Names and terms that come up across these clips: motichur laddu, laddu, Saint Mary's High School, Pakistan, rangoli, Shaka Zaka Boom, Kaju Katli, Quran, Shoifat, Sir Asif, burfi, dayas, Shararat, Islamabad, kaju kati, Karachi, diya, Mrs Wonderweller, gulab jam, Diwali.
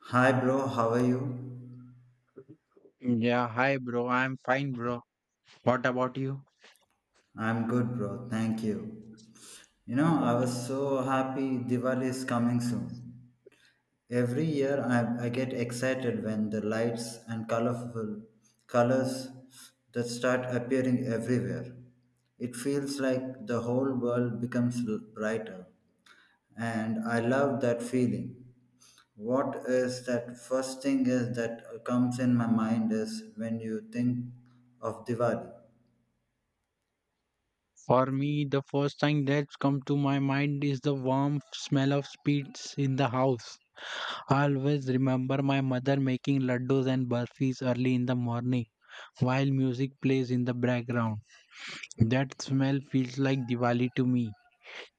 Hi, bro. How are you? Yeah, hi bro. I'm fine, bro. What about you? I'm good, bro. Thank you. You know, I was so happy Diwali is coming soon. Every year, I get excited when the lights and colorful colors that start appearing everywhere. It feels like the whole world becomes brighter, and I love that feeling. What is that first thing is that comes in my mind is when you think of Diwali. For me, the first thing that's come to my mind is the warm smell of sweets in the house. I always remember my mother making laddus and burfis early in the morning while music plays in the background. That smell feels like Diwali to me.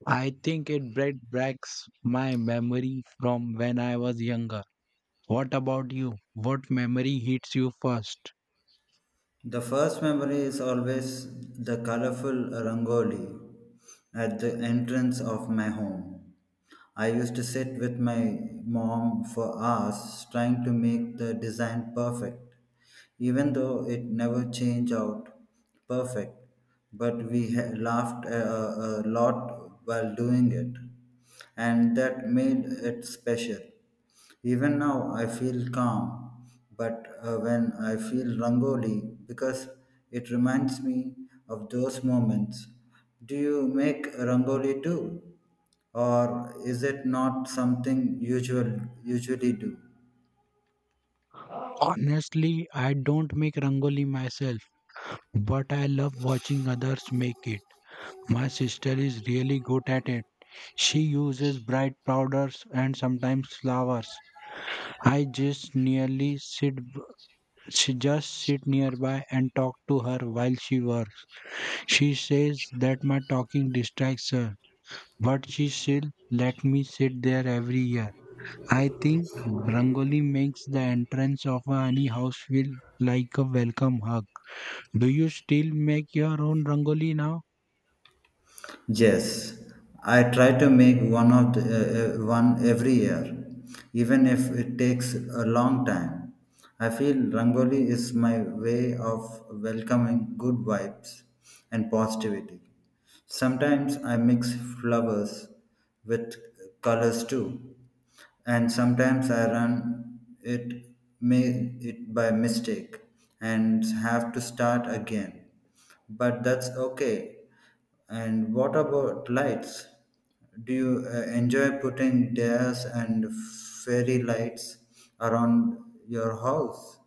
I think it brought back my memory from when I was younger. What about you? What memory hits you first? The first memory is always the colorful rangoli at the entrance of my home. I used to sit with my mom for hours trying to make the design perfect even though it never changed out perfect. But laughed a lot while doing it, and that made it special. Even now, I feel calm, but when I feel rangoli, because it reminds me of those moments. Do you make rangoli too, or is it not something usual usually do? Honestly, I don't make rangoli myself, but I love watching others make it. My sister is really good at it. She uses bright powders and sometimes flowers. I just nearly sit She just sit nearby and talk to her while she works. She says that my talking distracts her, but she still let me sit there every year. I think Rangoli makes the entrance of a honey house feel like a welcome hug. Do you still make your own rangoli now? Yes, I try to make one every year, even if it takes a long time. I feel Rangoli is my way of welcoming good vibes and positivity. Sometimes I mix flowers with colors too, and sometimes I run may it by mistake and have to start again. But that's okay. And what about lights? Do you enjoy putting dares and fairy lights around your house?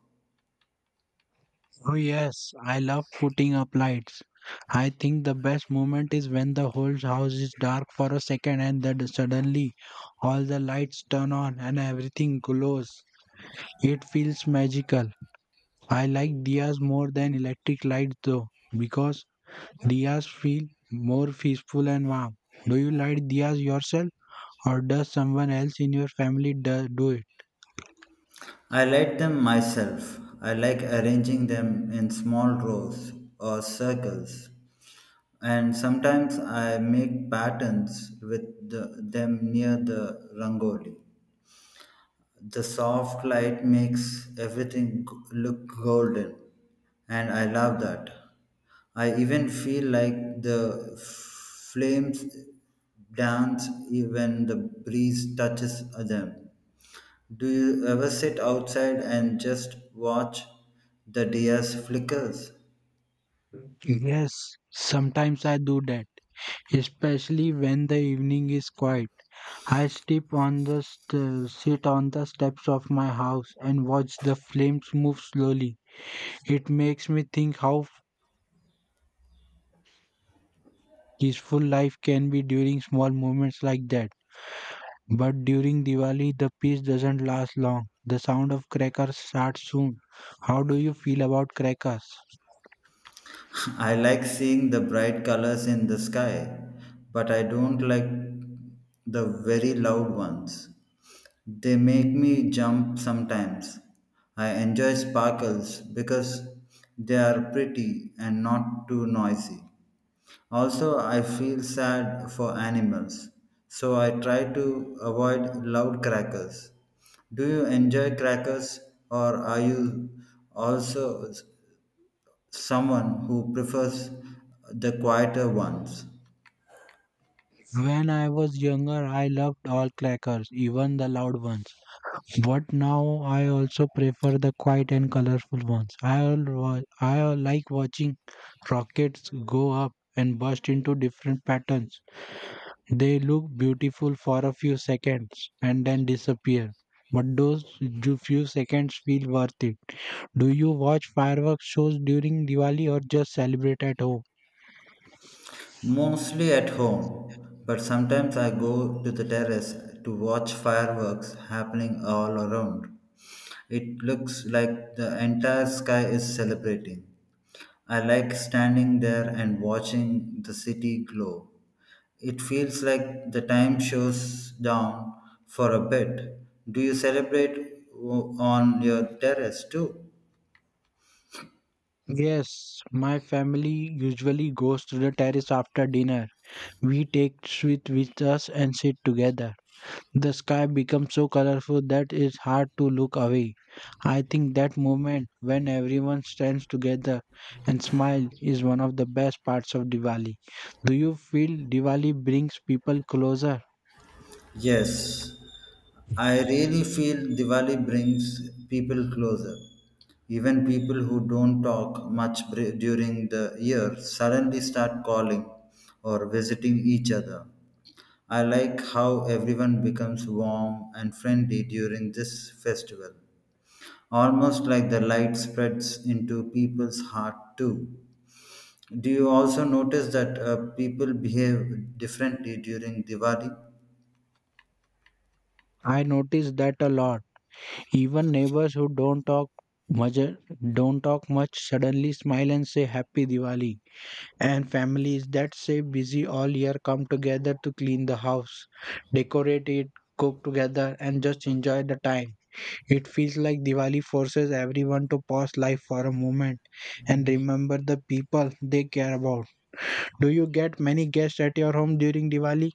Oh, yes, I love putting up lights. I think the best moment is when the whole house is dark for a second and then suddenly all the lights turn on and everything glows. It feels magical. I like diyas more than electric lights though, because diyas feel more peaceful and warm. Do you light diyas yourself or does someone else in your family do it? I light them myself. I like arranging them in small rows or circles and sometimes I make patterns with them near the rangoli. The soft light makes everything look golden, and I love that. I even feel like the flames dance even the breeze touches them. Do you ever sit outside and just watch the dia's flickers? Yes, sometimes I do that, especially when the evening is quiet. I step on the st- sit on the steps of my house and watch the flames move slowly. It makes me think how peaceful life can be during small moments like that. But during Diwali, the peace doesn't last long. The sound of crackers starts soon. How do you feel about crackers? I like seeing the bright colors in the sky, but I don't like the very loud ones. They make me jump sometimes. I enjoy sparkles because they are pretty and not too noisy. Also, I feel sad for animals, so I try to avoid loud crackers. Do you enjoy crackers or are you also someone who prefers the quieter ones, When I was younger, I loved all crackers, even the loud ones. But now I also prefer the quiet and colorful ones. I al- wa- I al- like watching rockets go up and burst into different patterns. They look beautiful for a few seconds and then disappear. But those few seconds feel worth it. Do you watch fireworks shows during Diwali or just celebrate at home? mostly at home. But sometimes I go to the terrace to watch fireworks happening all around. It looks like the entire sky is celebrating. I like standing there and watching the city glow. It feels like the time shows down for a bit. Do you celebrate on your terrace too? Yes, my family usually goes to the terrace after dinner. We take sweet with us and sit together. The sky becomes so colorful that it's hard to look away. I think that moment when everyone stands together and smile is one of the best parts of Diwali. Do you feel Diwali brings people closer? Yes, I really feel Diwali brings people closer. Even people who don't talk much during the year suddenly start calling or visiting each other. I like how everyone becomes warm and friendly during this festival, almost like the light spreads into people's heart too. Do you also notice that people behave differently during Diwali? I notice that a lot. Even neighbors who much don't talk much suddenly smile and say happy Diwali. And families that stay busy all year come together to clean the house, decorate it, cook together and just enjoy the time. It feels like Diwali forces everyone to pause life for a moment and remember the people they care about. Do you get many guests at your home during Diwali?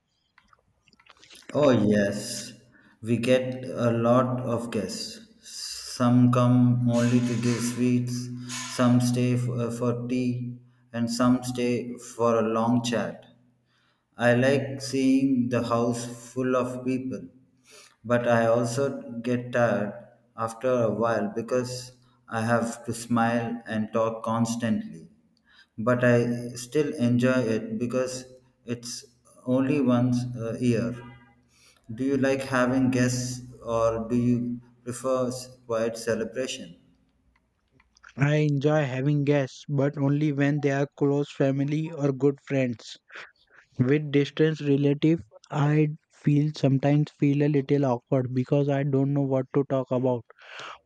Oh, yes. We get a lot of guests. Some come only to give sweets, some stay for tea, and some stay for a long chat. I like seeing the house full of people, but I also get tired after a while because I have to smile and talk constantly. But I still enjoy it because it's only once a year. Do you like having guests or do you prefer quiet celebration? I enjoy having guests, but only when they are close family or good friends. With distant relative, I feel sometimes feel a little awkward because I don't know what to talk about.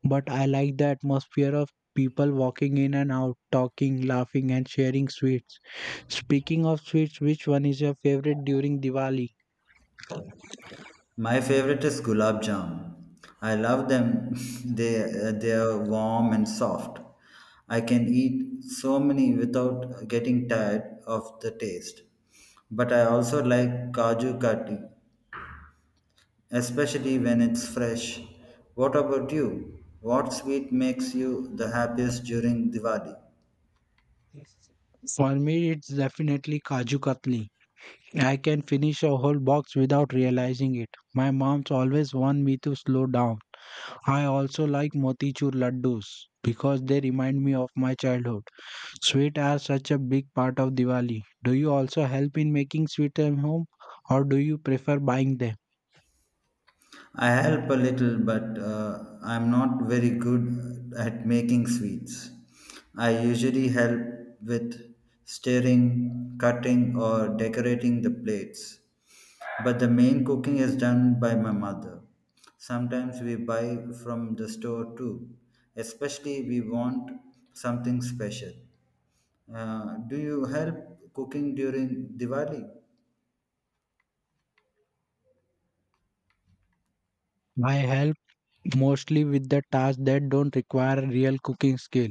But I like the atmosphere of people walking in and out, talking, laughing, and sharing sweets. Speaking of sweets, which one is your favorite during Diwali? My favorite is gulab jam. I love them. They are warm and soft. I can eat so many without getting tired of the taste. But I also like kaju kati, especially when it's fresh. What about you? What sweet makes you the happiest during Diwali? For me, it's definitely Kaju Katli. I can finish a whole box without realizing it. My mom's always warned me to slow down. I also like motichur laddus because they remind me of my childhood. Sweets are such a big part of Diwali. Do you also help in making sweets at home or do you prefer buying them? I help a little, but I'm not very good at making sweets. I usually help with stirring, cutting, or decorating the plates. But the main cooking is done by my mother. Sometimes we buy from the store too, especially we want something special. Do you help cooking during Diwali? I help mostly with the tasks that don't require real cooking skill,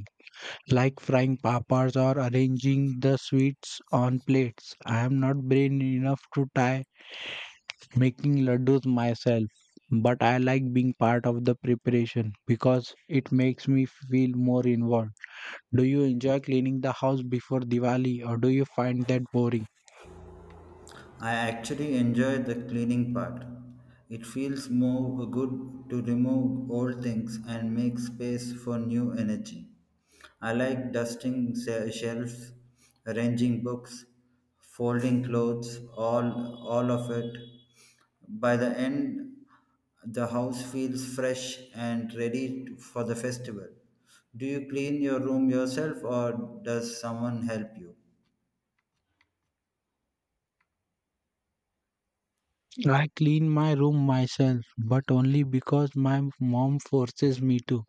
like frying papas or arranging the sweets on plates. I am not brain enough to try making laddus myself, but I like being part of the preparation because it makes me feel more involved. Do you enjoy cleaning the house before Diwali or do you find that boring? I actually enjoy the cleaning part. It feels more good to remove old things and make space for new energy. I like dusting shelves, arranging books, folding clothes, all of it. By the end, the house feels fresh and ready for the festival. Do you clean your room yourself or does someone help you? I clean my room myself, but only because my mom forces me to.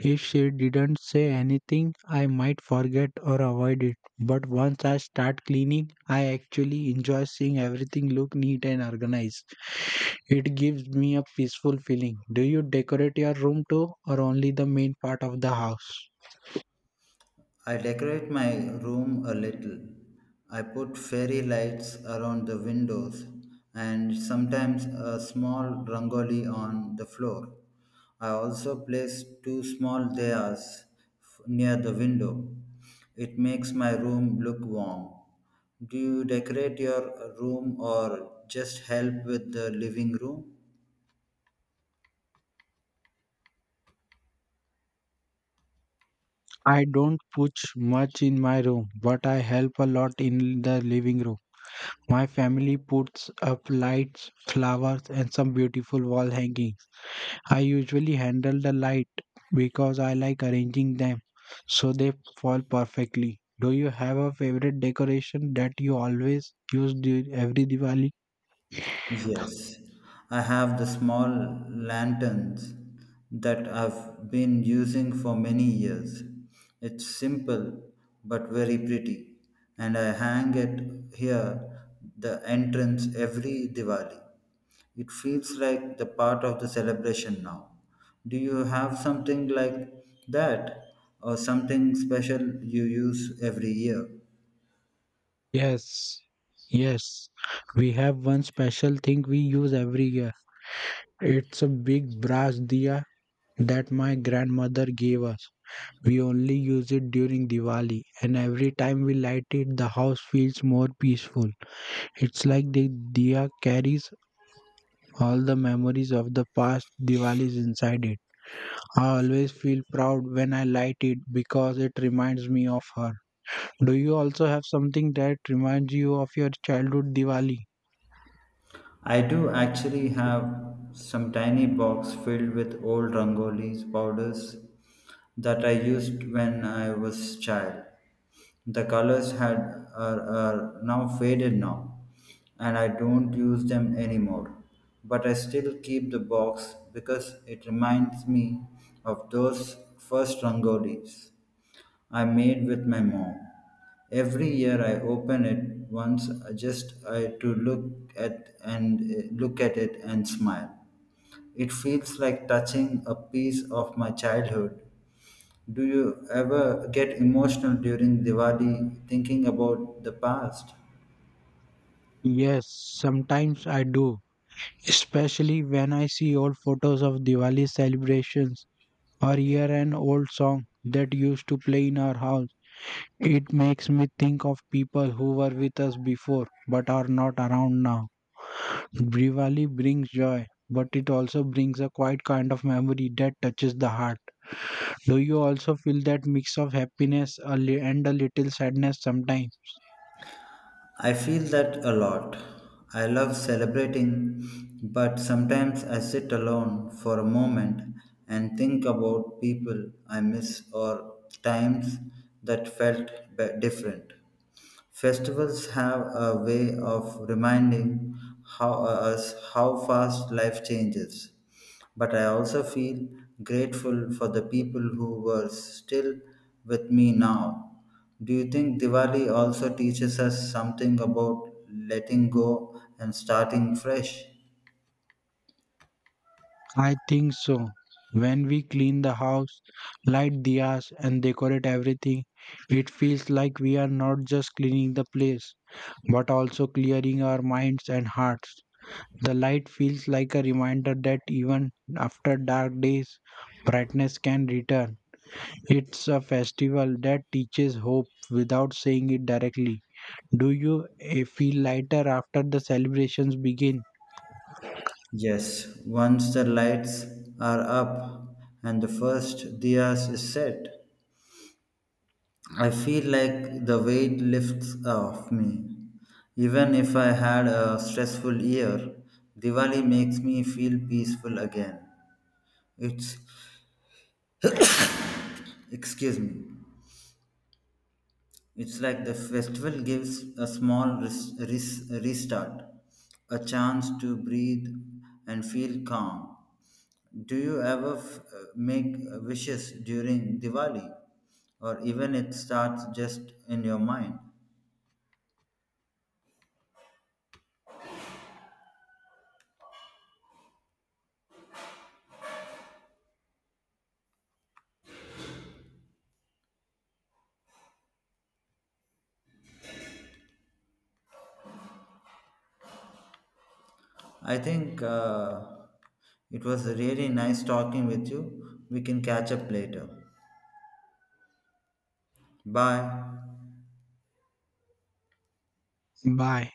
If she didn't say anything, I might forget or avoid it. But once I start cleaning, I actually enjoy seeing everything look neat and organized. It gives me a peaceful feeling. Do you decorate your room too or only the main part of the house? I decorate my room a little. I put fairy lights around the windows and sometimes a small rangoli on the floor. I also place two small dayas near the window. It makes my room look warm. Do you decorate your room or just help with the living room? I don't push much in my room, but I help a lot in the living room. My family puts up lights, flowers, and some beautiful wall hangings. I usually handle the light because I like arranging them so they fall perfectly. Do you have a favorite decoration that you always use during every Diwali? Yes, I have the small lanterns that I've been using for many years. It's simple but very pretty, and I hang it here the entrance every Diwali. It feels like the part of the celebration now. Do you have something like that or something special you use every year? Yes, yes. We have one special thing we use every year. It's a big brass diya that my grandmother gave us. We only use it during Diwali, and every time we light it, the house feels more peaceful. It's like the diya carries all the memories of the past Diwalis inside it. I always feel proud when I light it because it reminds me of her. Do you also have something that reminds you of your childhood Diwali? I do actually have some tiny box filled with old Rangoli's powders that I used when I was child. The colors are now faded now and I don't use them anymore. But I still keep the box because it reminds me of those first Rangolis. I made with my mom. Every year I open it once to look at and look at it and smile. It feels like touching a piece of my childhood. Do you ever get emotional during Diwali thinking about the past? Yes, sometimes I do, especially when I see old photos of Diwali celebrations or hear an old song that used to play in our house. It makes me think of people who were with us before but are not around now. Diwali brings joy, but it also brings a quiet kind of memory that touches the heart. Do you also feel that mix of happiness and a little sadness sometimes? I feel that a lot. I love celebrating, but sometimes I sit alone for a moment and think about people I miss or times that felt different. Festivals have a way of reminding us how fast life changes but I also feel grateful for the people who were still with me now. Do you think Diwali also teaches us something about letting go and starting fresh? I think so. When we clean the house, light diyas, and decorate everything, it feels like we are not just cleaning the place, but also clearing our minds and hearts. The light feels like a reminder that even after dark days, brightness can return. It's a festival that teaches hope without saying it directly. Do you feel lighter after the celebrations begin? Yes, once the lights are up and the first diyas is set, I feel like the weight lifts off me. Even if I had a stressful year, Diwali makes me feel peaceful again. It's Excuse me. It's like the festival gives a small restart, a chance to breathe and feel calm. Do you ever make wishes during Diwali, or even it starts just in your mind? I think it was really nice talking with you. We can catch up later. Bye. Bye.